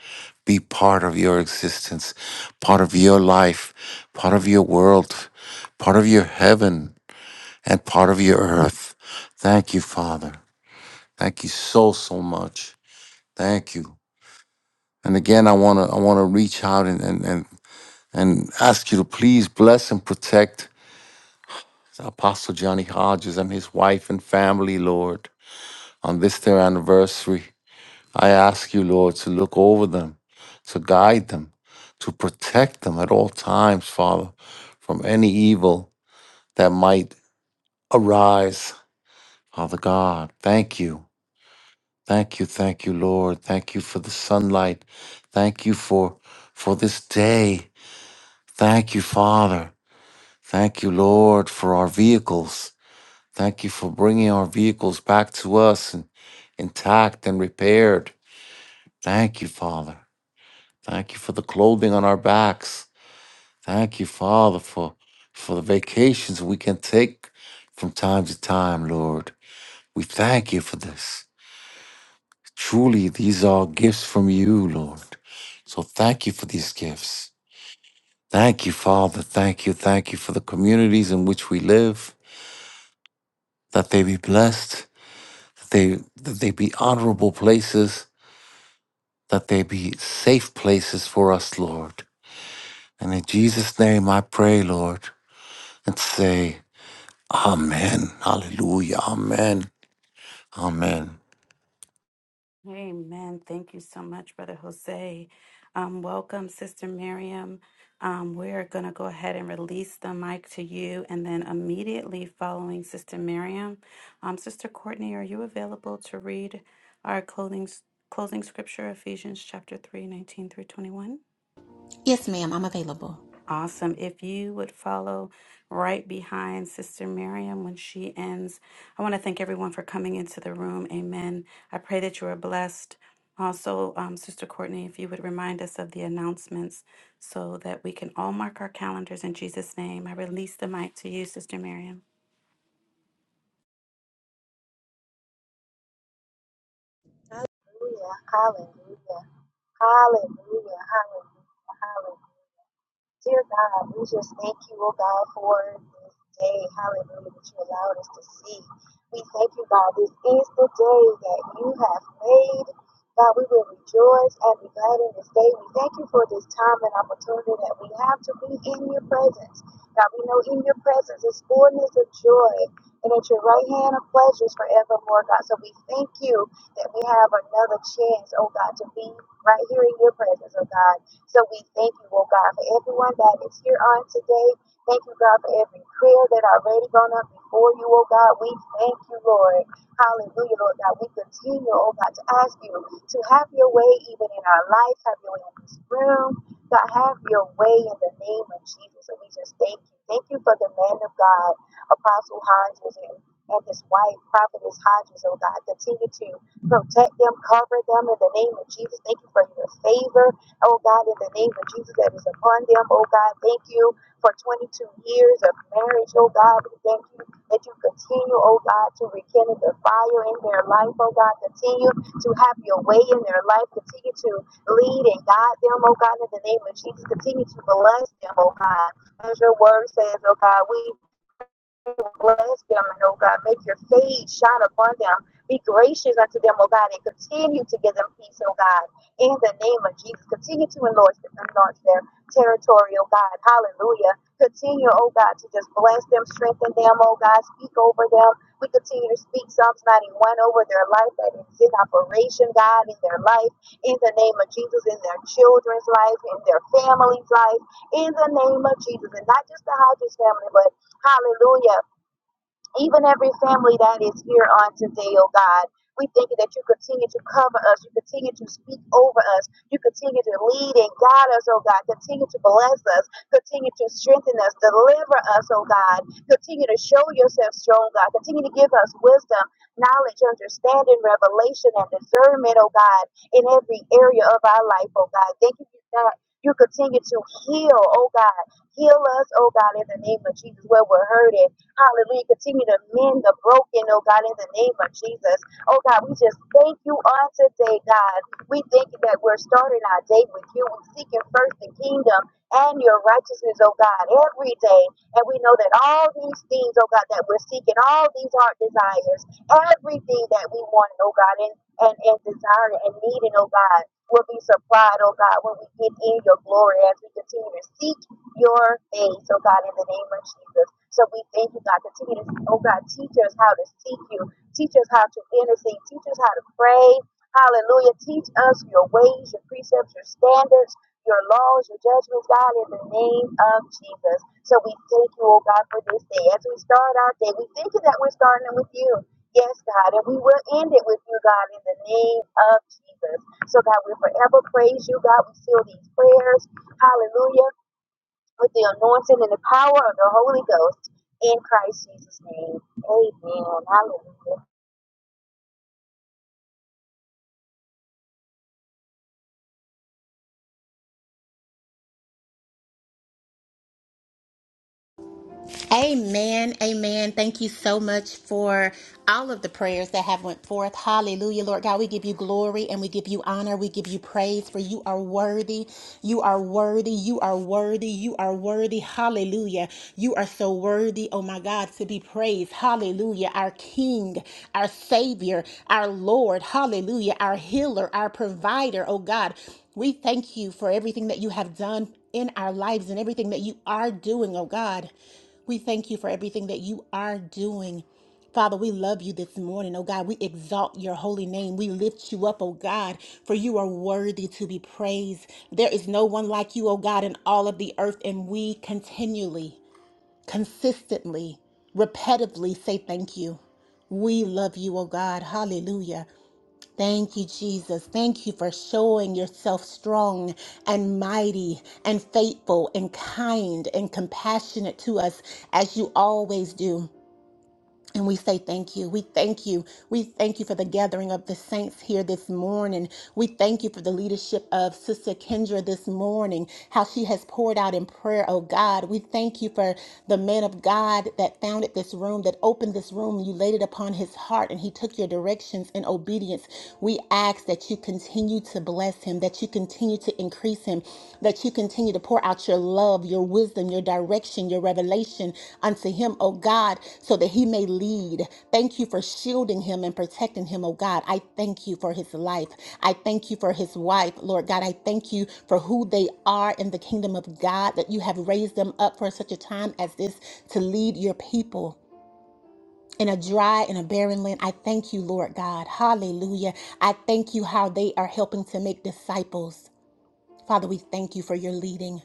be part of your existence, part of your life, part of your world, part of your heaven, and part of your earth. Thank you, Father. Thank you so, so much. Thank you. And again, I want to I want to reach out and, and, and, and ask you to please bless and protect Apostle Johnny Hodges and his wife and family, Lord, on this their anniversary. I ask you, Lord, to look over them, to guide them, to protect them at all times, Father, from any evil that might arise. Father God, thank you. Thank you, thank you, Lord. Thank you for the sunlight. Thank you for for this day. Thank you, Father. Thank you, Lord, for our vehicles. Thank you for bringing our vehicles back to us and intact and repaired. Thank you, Father. Thank you for the clothing on our backs. Thank you, Father, for, for the vacations we can take from time to time, Lord. We thank you for this. Truly, these are gifts from you, Lord. So thank you for these gifts. Thank you, Father. Thank you. Thank you for the communities in which we live, that they be blessed, that they, that they be honorable places, that they be safe places for us, Lord. And in Jesus' name I pray, Lord, and say, Amen. Hallelujah. Amen. Amen. Amen. Thank you so much, Brother Jose. Um, welcome, Sister Miriam. Um, we're going to go ahead and release the mic to you. And then immediately following Sister Miriam, um, Sister Courtney, are you available to read our clothing, closing scripture, Ephesians chapter three, nineteen through 21? Yes, ma'am, I'm available. Awesome. If you would follow right behind Sister Miriam when she ends, I want to thank everyone for coming into the room. Amen. I pray that you are blessed. Also, um, Sister Courtney, if you would remind us of the announcements so that we can all mark our calendars in Jesus' name. I release the mic to you, Sister Miriam. Hallelujah, hallelujah, hallelujah, hallelujah, hallelujah. Dear God, we just thank you, oh God, for this day. Hallelujah, that you allowed us to see. We thank you, God. This is the day that you have made. God, we will rejoice and be glad in this day. We thank you for this time and opportunity that we have to be in your presence. God, we know in your presence is fullness of joy, and at your right hand of pleasures forevermore, God. So we thank you that we have another chance, oh God, to be right here in your presence, oh God. So we thank you, oh God, for everyone that is here on today. Thank you, God, for every prayer that already gone up before you, oh God. We thank you, Lord. Hallelujah, Lord God. We continue, oh God, to ask you to have your way even in our life, have your way in this room. God, have your way in the name of Jesus. And we just thank you. Thank you for the man of God, Apostle Hodges, and, and his wife, Prophetess Hodges, oh God. Continue to protect them, cover them in the name of Jesus. Thank you for your favor. Oh God, in the name of Jesus that is upon them. Oh God, thank you for 22 years of marriage. Oh God, we thank you that you continue, oh God, to rekindle the fire in their life. Oh God, continue to have your way in their life. Continue to lead and guide them, oh God, in the name of Jesus. Continue to bless them, oh God. As your word says, oh God, we bless them, and oh God, make your face shine upon them. Be gracious unto them, oh God, and continue to give them peace, oh God, in the name of Jesus. Continue to enlarge, enlarge their territory, oh God. Hallelujah. Continue, oh God, to just bless them, strengthen them, oh God, speak over them. We continue to speak Psalms 91 over their life that is in operation, God, in their life, in the name of Jesus, in their children's life, in their family's life, in the name of Jesus. And not just the Hodges family, but Hallelujah even every family that is here on today, oh God. We thank you that you continue to cover us, you continue to speak over us, you continue to lead and guide us, oh God. Continue to bless us, continue to strengthen us, deliver us, oh God. Continue to show yourself strong, God. Continue to give us wisdom, knowledge, understanding, revelation, and discernment, oh God, in every area of our life, oh God. Thank you that you continue to heal, oh God. Heal us, oh God, in the name of Jesus, where we're hurting Hallelujah. Continue to mend the broken, oh God, in the name of Jesus. Oh God, we just thank you on today, God. We thank you that we're starting our day with you. We're seeking first the kingdom and your righteousness, oh God, every day. And we know that all these things, oh God, that we're seeking, all these heart desires, everything that we want, oh God, and, and, and desire and needing, oh God, will be supplied, oh God, when we get in your glory as we continue to seek your face, oh God, in the name of Jesus. So we thank you, God. Continue to, oh God, teach us how to seek you. Teach us how to intercede. Teach us how to pray. Hallelujah. Teach us your ways, your precepts, your standards, your laws, your judgments, God, in the name of Jesus. So we thank you, oh God, for this day. As we start our day, we thank you that we're starting it with you. Yes, God, and we will end it with you, God, in the name of Jesus. So, God, we forever praise you, God. We seal these prayers. Hallelujah with the anointing and the power of the Holy Ghost in Christ Jesus' name. Amen. Hallelujah. Amen. Amen. Thank you so much for all of the prayers that have went forth. Hallelujah. Lord God, we give you glory and we give you honor. We give you praise for you are worthy. You are worthy. You are worthy. You are worthy. Hallelujah. You are so worthy, oh my God, to be praised. Hallelujah. Our King, our Savior, our Lord. Hallelujah. Our healer, our provider, oh God. We thank you for everything that you have done in our lives and everything that you are doing, oh God. We thank you for everything that you are doing. Father, we love you this morning, oh God. We exalt your holy name. We lift you up, oh God, for you are worthy to be praised. There is no one like you, oh God, in all of the earth, and we continually, consistently, repetitively say thank you. We love you, oh God. Hallelujah. Thank you, Jesus. Thank you for showing yourself strong and mighty and faithful and kind and compassionate to us as you always do. And we say thank you. We thank you. We thank you for the gathering of the saints here this morning. We thank you for the leadership of Sister Kendra this morning, how she has poured out in prayer, oh God. We thank you for the man of God that founded this room, that opened this room. You laid it upon his heart and he took your directions in obedience. We ask that you continue to bless him, that you continue to increase him, that you continue to pour out your love, your wisdom, your direction, your revelation unto him, oh God, so that he may lead. Thank you for shielding him and protecting him, oh God. I thank you for his life. I thank you for his wife, Lord God. I thank you for who they are in the kingdom of God, that you have raised them up for such a time as this to lead your people. In a dry and a barren land, I thank you, Lord God. Hallelujah. I thank you how they are helping to make disciples. Father, we thank you for your leading.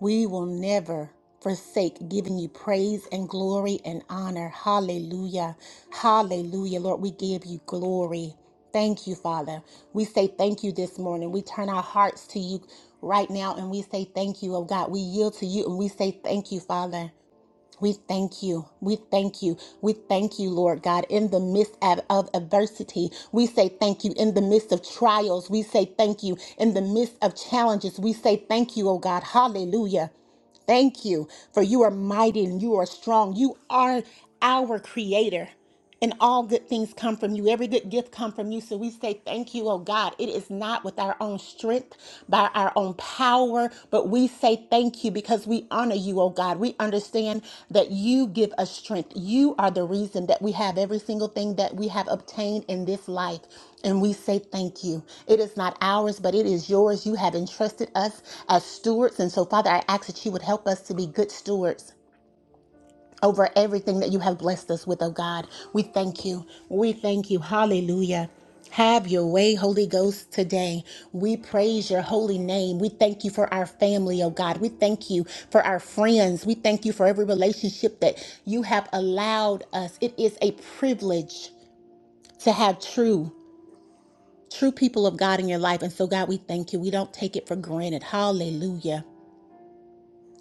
We will never forsake giving you praise and glory and honor. Hallelujah. Hallelujah. Lord, we give you glory. Thank you, Father. We say thank you this morning. We turn our hearts to you right now and we say thank you, oh God. We yield to you and we say thank you, Father. We thank you. We thank you. We thank you, Lord God, in the midst of, adversity. We say thank you in the midst of trials. We say thank you in the midst of challenges. We say thank you, oh God. Hallelujah thank you for you are mighty and you are strong. You are our creator. And all good things come from you. Every good gift come from you. So we say thank you, oh God. It is not with our own strength, by our own power, but we say thank you because we honor you, oh God. We understand that you give us strength. You are the reason that we have every single thing that we have obtained in this life. And we say thank you. It is not ours, but it is yours. You have entrusted us as stewards. And so, Father, I ask that you would help us to be good stewards over everything that you have blessed us with, oh God. We thank you. We thank you. Hallelujah. Have your way, Holy Ghost, today. We praise your holy name. We thank you for our family, oh God. We thank you for our friends. We thank you for every relationship that you have allowed us. It is a privilege to have true true people of God in your life. And so, God, we thank you. We don't take it for granted. Hallelujah.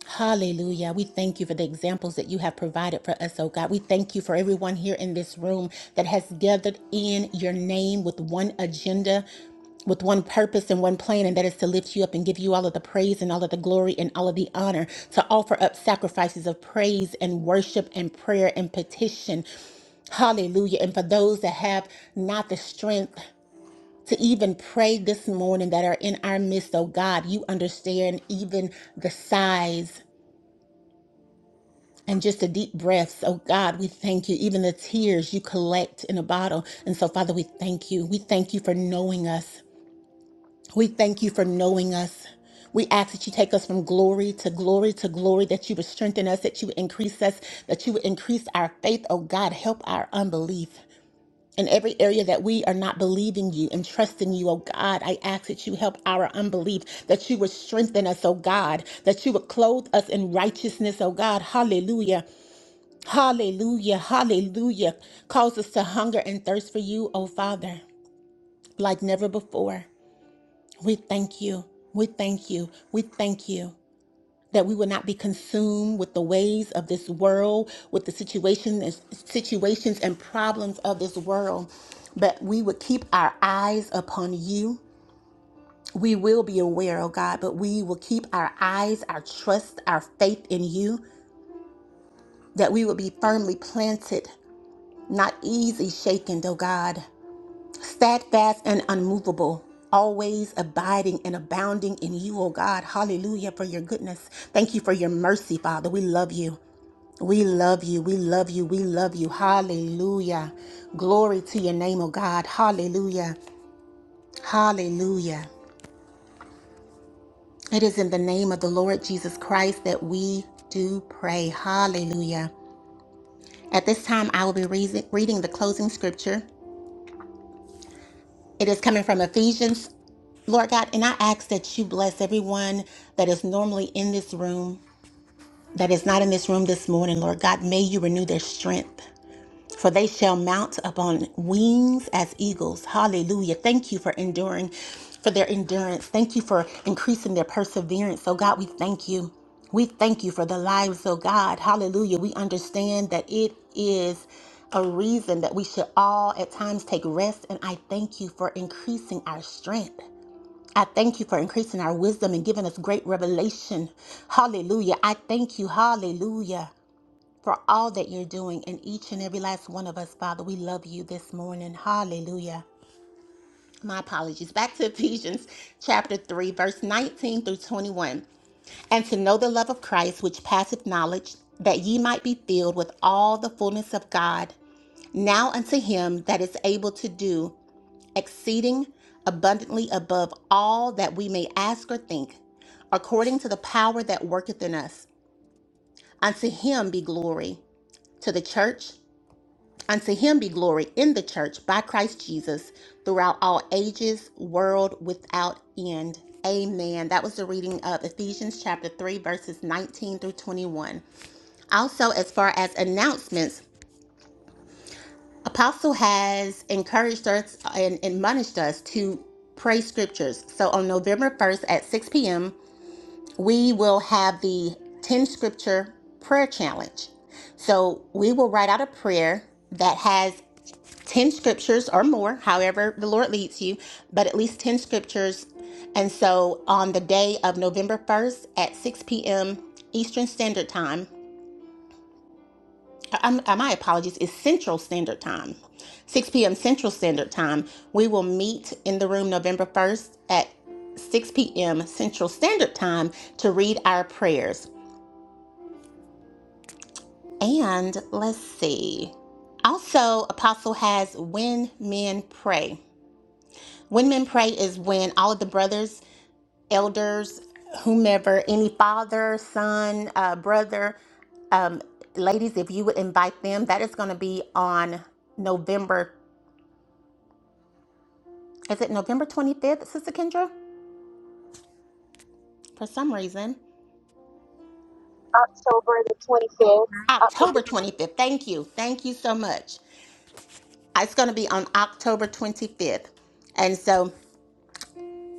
Hallelujah. We thank you for the examples that you have provided for us, oh God. We thank you for everyone here in this room that has gathered in your name with one agenda, with one purpose and one plan, and that is to lift you up and give you all of the praise and all of the glory and all of the honor, to offer up sacrifices of praise and worship and prayer and petition. Hallelujah. And for those that have not the strength, to even pray this morning that are in our midst, oh God. You understand even the sighs and just the deep breaths, oh God. We thank you. Even the tears you collect in a bottle. And so, Father, we thank you. We thank you for knowing us. We thank you for knowing us. We ask that you take us from glory to glory to glory, that you would strengthen us, that you would increase us, that you would increase our faith, oh God. Help our unbelief. in every area that we are not believing you and trusting you, oh God. I ask that you help our unbelief, that you would strengthen us, oh God, that you would clothe us in righteousness, oh God. Hallelujah. Hallelujah. Hallelujah. Cause us to hunger and thirst for you, oh Father, like never before. We thank you. We thank you. We thank you that we would not be consumed with the ways of this world, with the situations, situations and problems of this world, but we would keep our eyes upon you. We will be aware, oh God, but we will keep our eyes, our trust, our faith in you, that we will be firmly planted, not easy shaken, oh God, steadfast and unmovable. Always abiding and abounding in you, oh God. Hallelujah for your goodness. Thank you for your mercy, Father. We love you. We love you. We love you. We love you. Hallelujah. Glory to your name, O God. Hallelujah. Hallelujah. It is in the name of the Lord Jesus Christ that we do pray. Hallelujah. At this time, I will be reason- reading the closing scripture. It is coming from Ephesians Lord God, and I ask that you bless everyone that is normally in this room, that is not in this room this morning, Lord God. May you renew their strength. for they shall mount up on wings as eagles. Hallelujah. Thank you for enduring, for their endurance. Thank you for increasing their perseverance. So, God, we thank you. We thank you for the lives, oh God. Hallelujah. We understand that it is a reason that we should all at times take rest. And I thank you for increasing our strength. I thank you for increasing our wisdom and giving us great revelation. Hallelujah. I thank you. Hallelujah for all that you're doing in each and every last one of us, Father. We love you this morning. Hallelujah. My apologies. Back to Ephesians chapter 3, verse 19 through 21. And to know the love of Christ, which passeth knowledge, that ye might be filled with all the fullness of God. Now unto him that is able to do exceeding abundantly above all that we may ask or think, according to the power that worketh in us. Unto him be glory to the church Unto him be glory in the church by Christ Jesus throughout all ages, world without end. Amen. That was the reading of Ephesians chapter 3, verses 19 through 21. Also, as far as announcements, Apostle has encouraged us and admonished us to pray scriptures. So on November 1st at 6 p.m., we will have the 10 scripture prayer challenge. So we will write out a prayer that has 10 scriptures or more, however the Lord leads you, but at least 10 scriptures. And so on the day of November 1st at 6 p.m. Eastern Standard Time, I- am my apologies, is Central Standard Time, 6 p.m. Central Standard Time, we will meet in the room November 1st at 6 p.m. Central Standard Time to read our prayers. And let's see. Also, Apostle has When Men Pray. When men pray is when all of the brothers, elders, whomever, any father, son, uh, brother, um, ladies, if you would invite them, that is going to be on November. Is it November 25th, Sister Kendra? For some reason, October the 25th, October October the 25th. Thank you. Thank you so much. It's going to be on October 25th. And so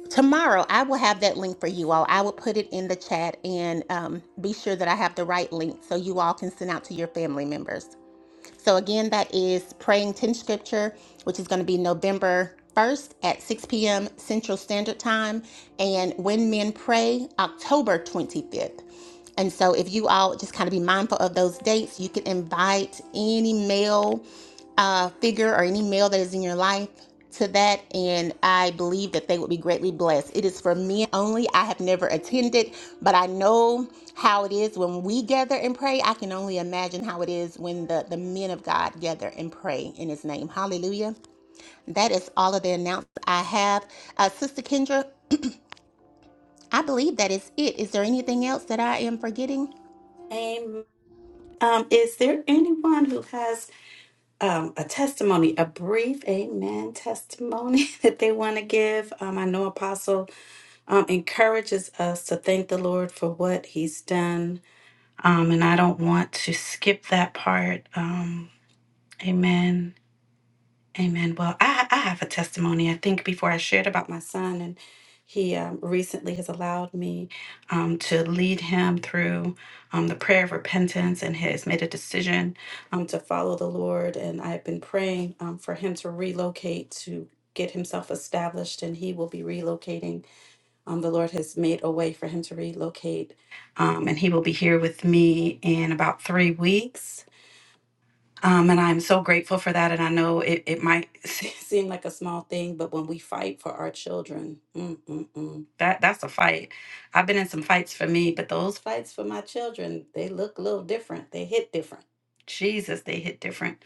Tomorrow, I will have that link for you all. I will put it in the chat and um, be sure that I have the right link so you all can send out to your family members. So, again, that is Praying 10 Scripture, which is going to be November 1st at 6 p.m. Central Standard Time, and When Men Pray, October 25th. And so, if you all just kind of be mindful of those dates, you can invite any male uh, figure or any male that is in your life to that, and I believe that they would be greatly blessed. It is for men only. I have never attended, but I know how it is when we gather and pray. I can only imagine how it is when the, the men of God gather and pray in His name. Hallelujah. That is all of the announcements I have. Uh, Sister Kendra, I believe that is it. Is there anything else that I am forgetting? Amen. Um, is there anyone who has um, a testimony, a brief amen testimony that they want to give? Um, I know Apostle. um, encourages us to thank the Lord for what He's done. Um, and I don't want to skip that part. Um, amen. Amen. Well, I, I have a testimony. I think before I shared about my son, and he um, recently has allowed me um, to lead him through um, the prayer of repentance and has made a decision um, to follow the Lord. And I've been praying um, for him to relocate to get himself established, and he will be relocating um, the Lord has made a way for him to relocate, um, and he will be here with me in about three weeks. Um, and I'm so grateful for that. And I know it, it might seem like a small thing, but when we fight for our children, mm, mm, mm, that that's a fight. I've been in some fights for me, but those fights for my children, they look a little different. They hit different. Jesus, they hit different.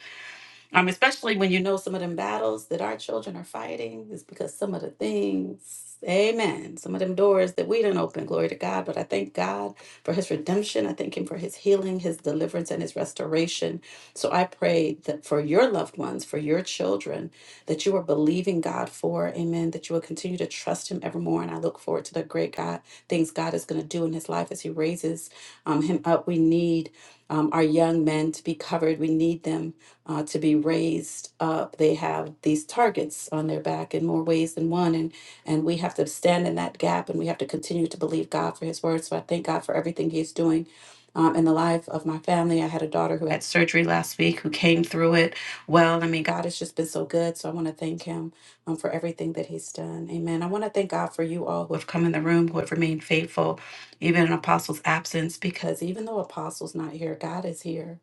Um, especially when you know some of them battles that our children are fighting is because some of the things, amen, some of them doors that we didn't open, glory to God. But I thank God for his redemption. I thank him for his healing, his deliverance, and his restoration. So I pray that for your loved ones, for your children, that you are believing God for, amen, that you will continue to trust him evermore. And I look forward to the great God things God is going to do in his life as he raises um, him up. We need um, our young men to be covered. We need them uh, to be raised up. They have these targets on their back in more ways than one, and and we have to stand in that gap, and we have to continue to believe God for His word. So I thank God for everything He's doing. Um, in the life of my family, I had a daughter who had surgery last week who came through it well. I mean, God has just been so good. So I want to thank Him um, for everything that He's done. Amen. I want to thank God for you all who have come in the room, who have remained faithful, even in Apostle's absence, because even though Apostle's not here, God is here.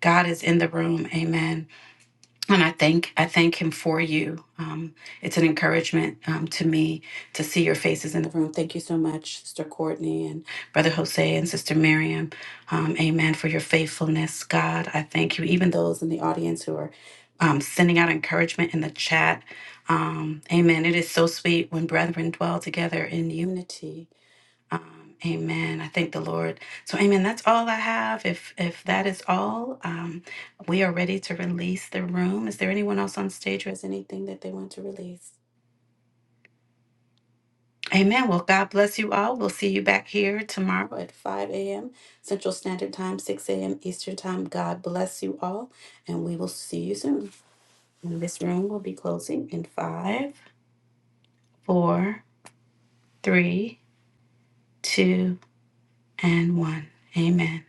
God is in the room. Amen and I thank I thank him for you. Um, it's an encouragement um, to me to see your faces in the room. Thank you so much, Sister Courtney and Brother Jose and Sister Miriam. Um, amen for your faithfulness, God. I thank you. Even those in the audience who are um, sending out encouragement in the chat. Um, amen. It is so sweet when brethren dwell together in unity. Um, amen. I thank the Lord. So, amen. That's all I have. If if that is all, um, we are ready to release the room. Is there anyone else on stage who has anything that they want to release? Amen. Well, God bless you all. We'll see you back here tomorrow at 5 a.m. Central Standard Time, 6 a.m. Eastern Time. God bless you all, and we will see you soon. And this room will be closing in five, four, three, two, and one. Amen.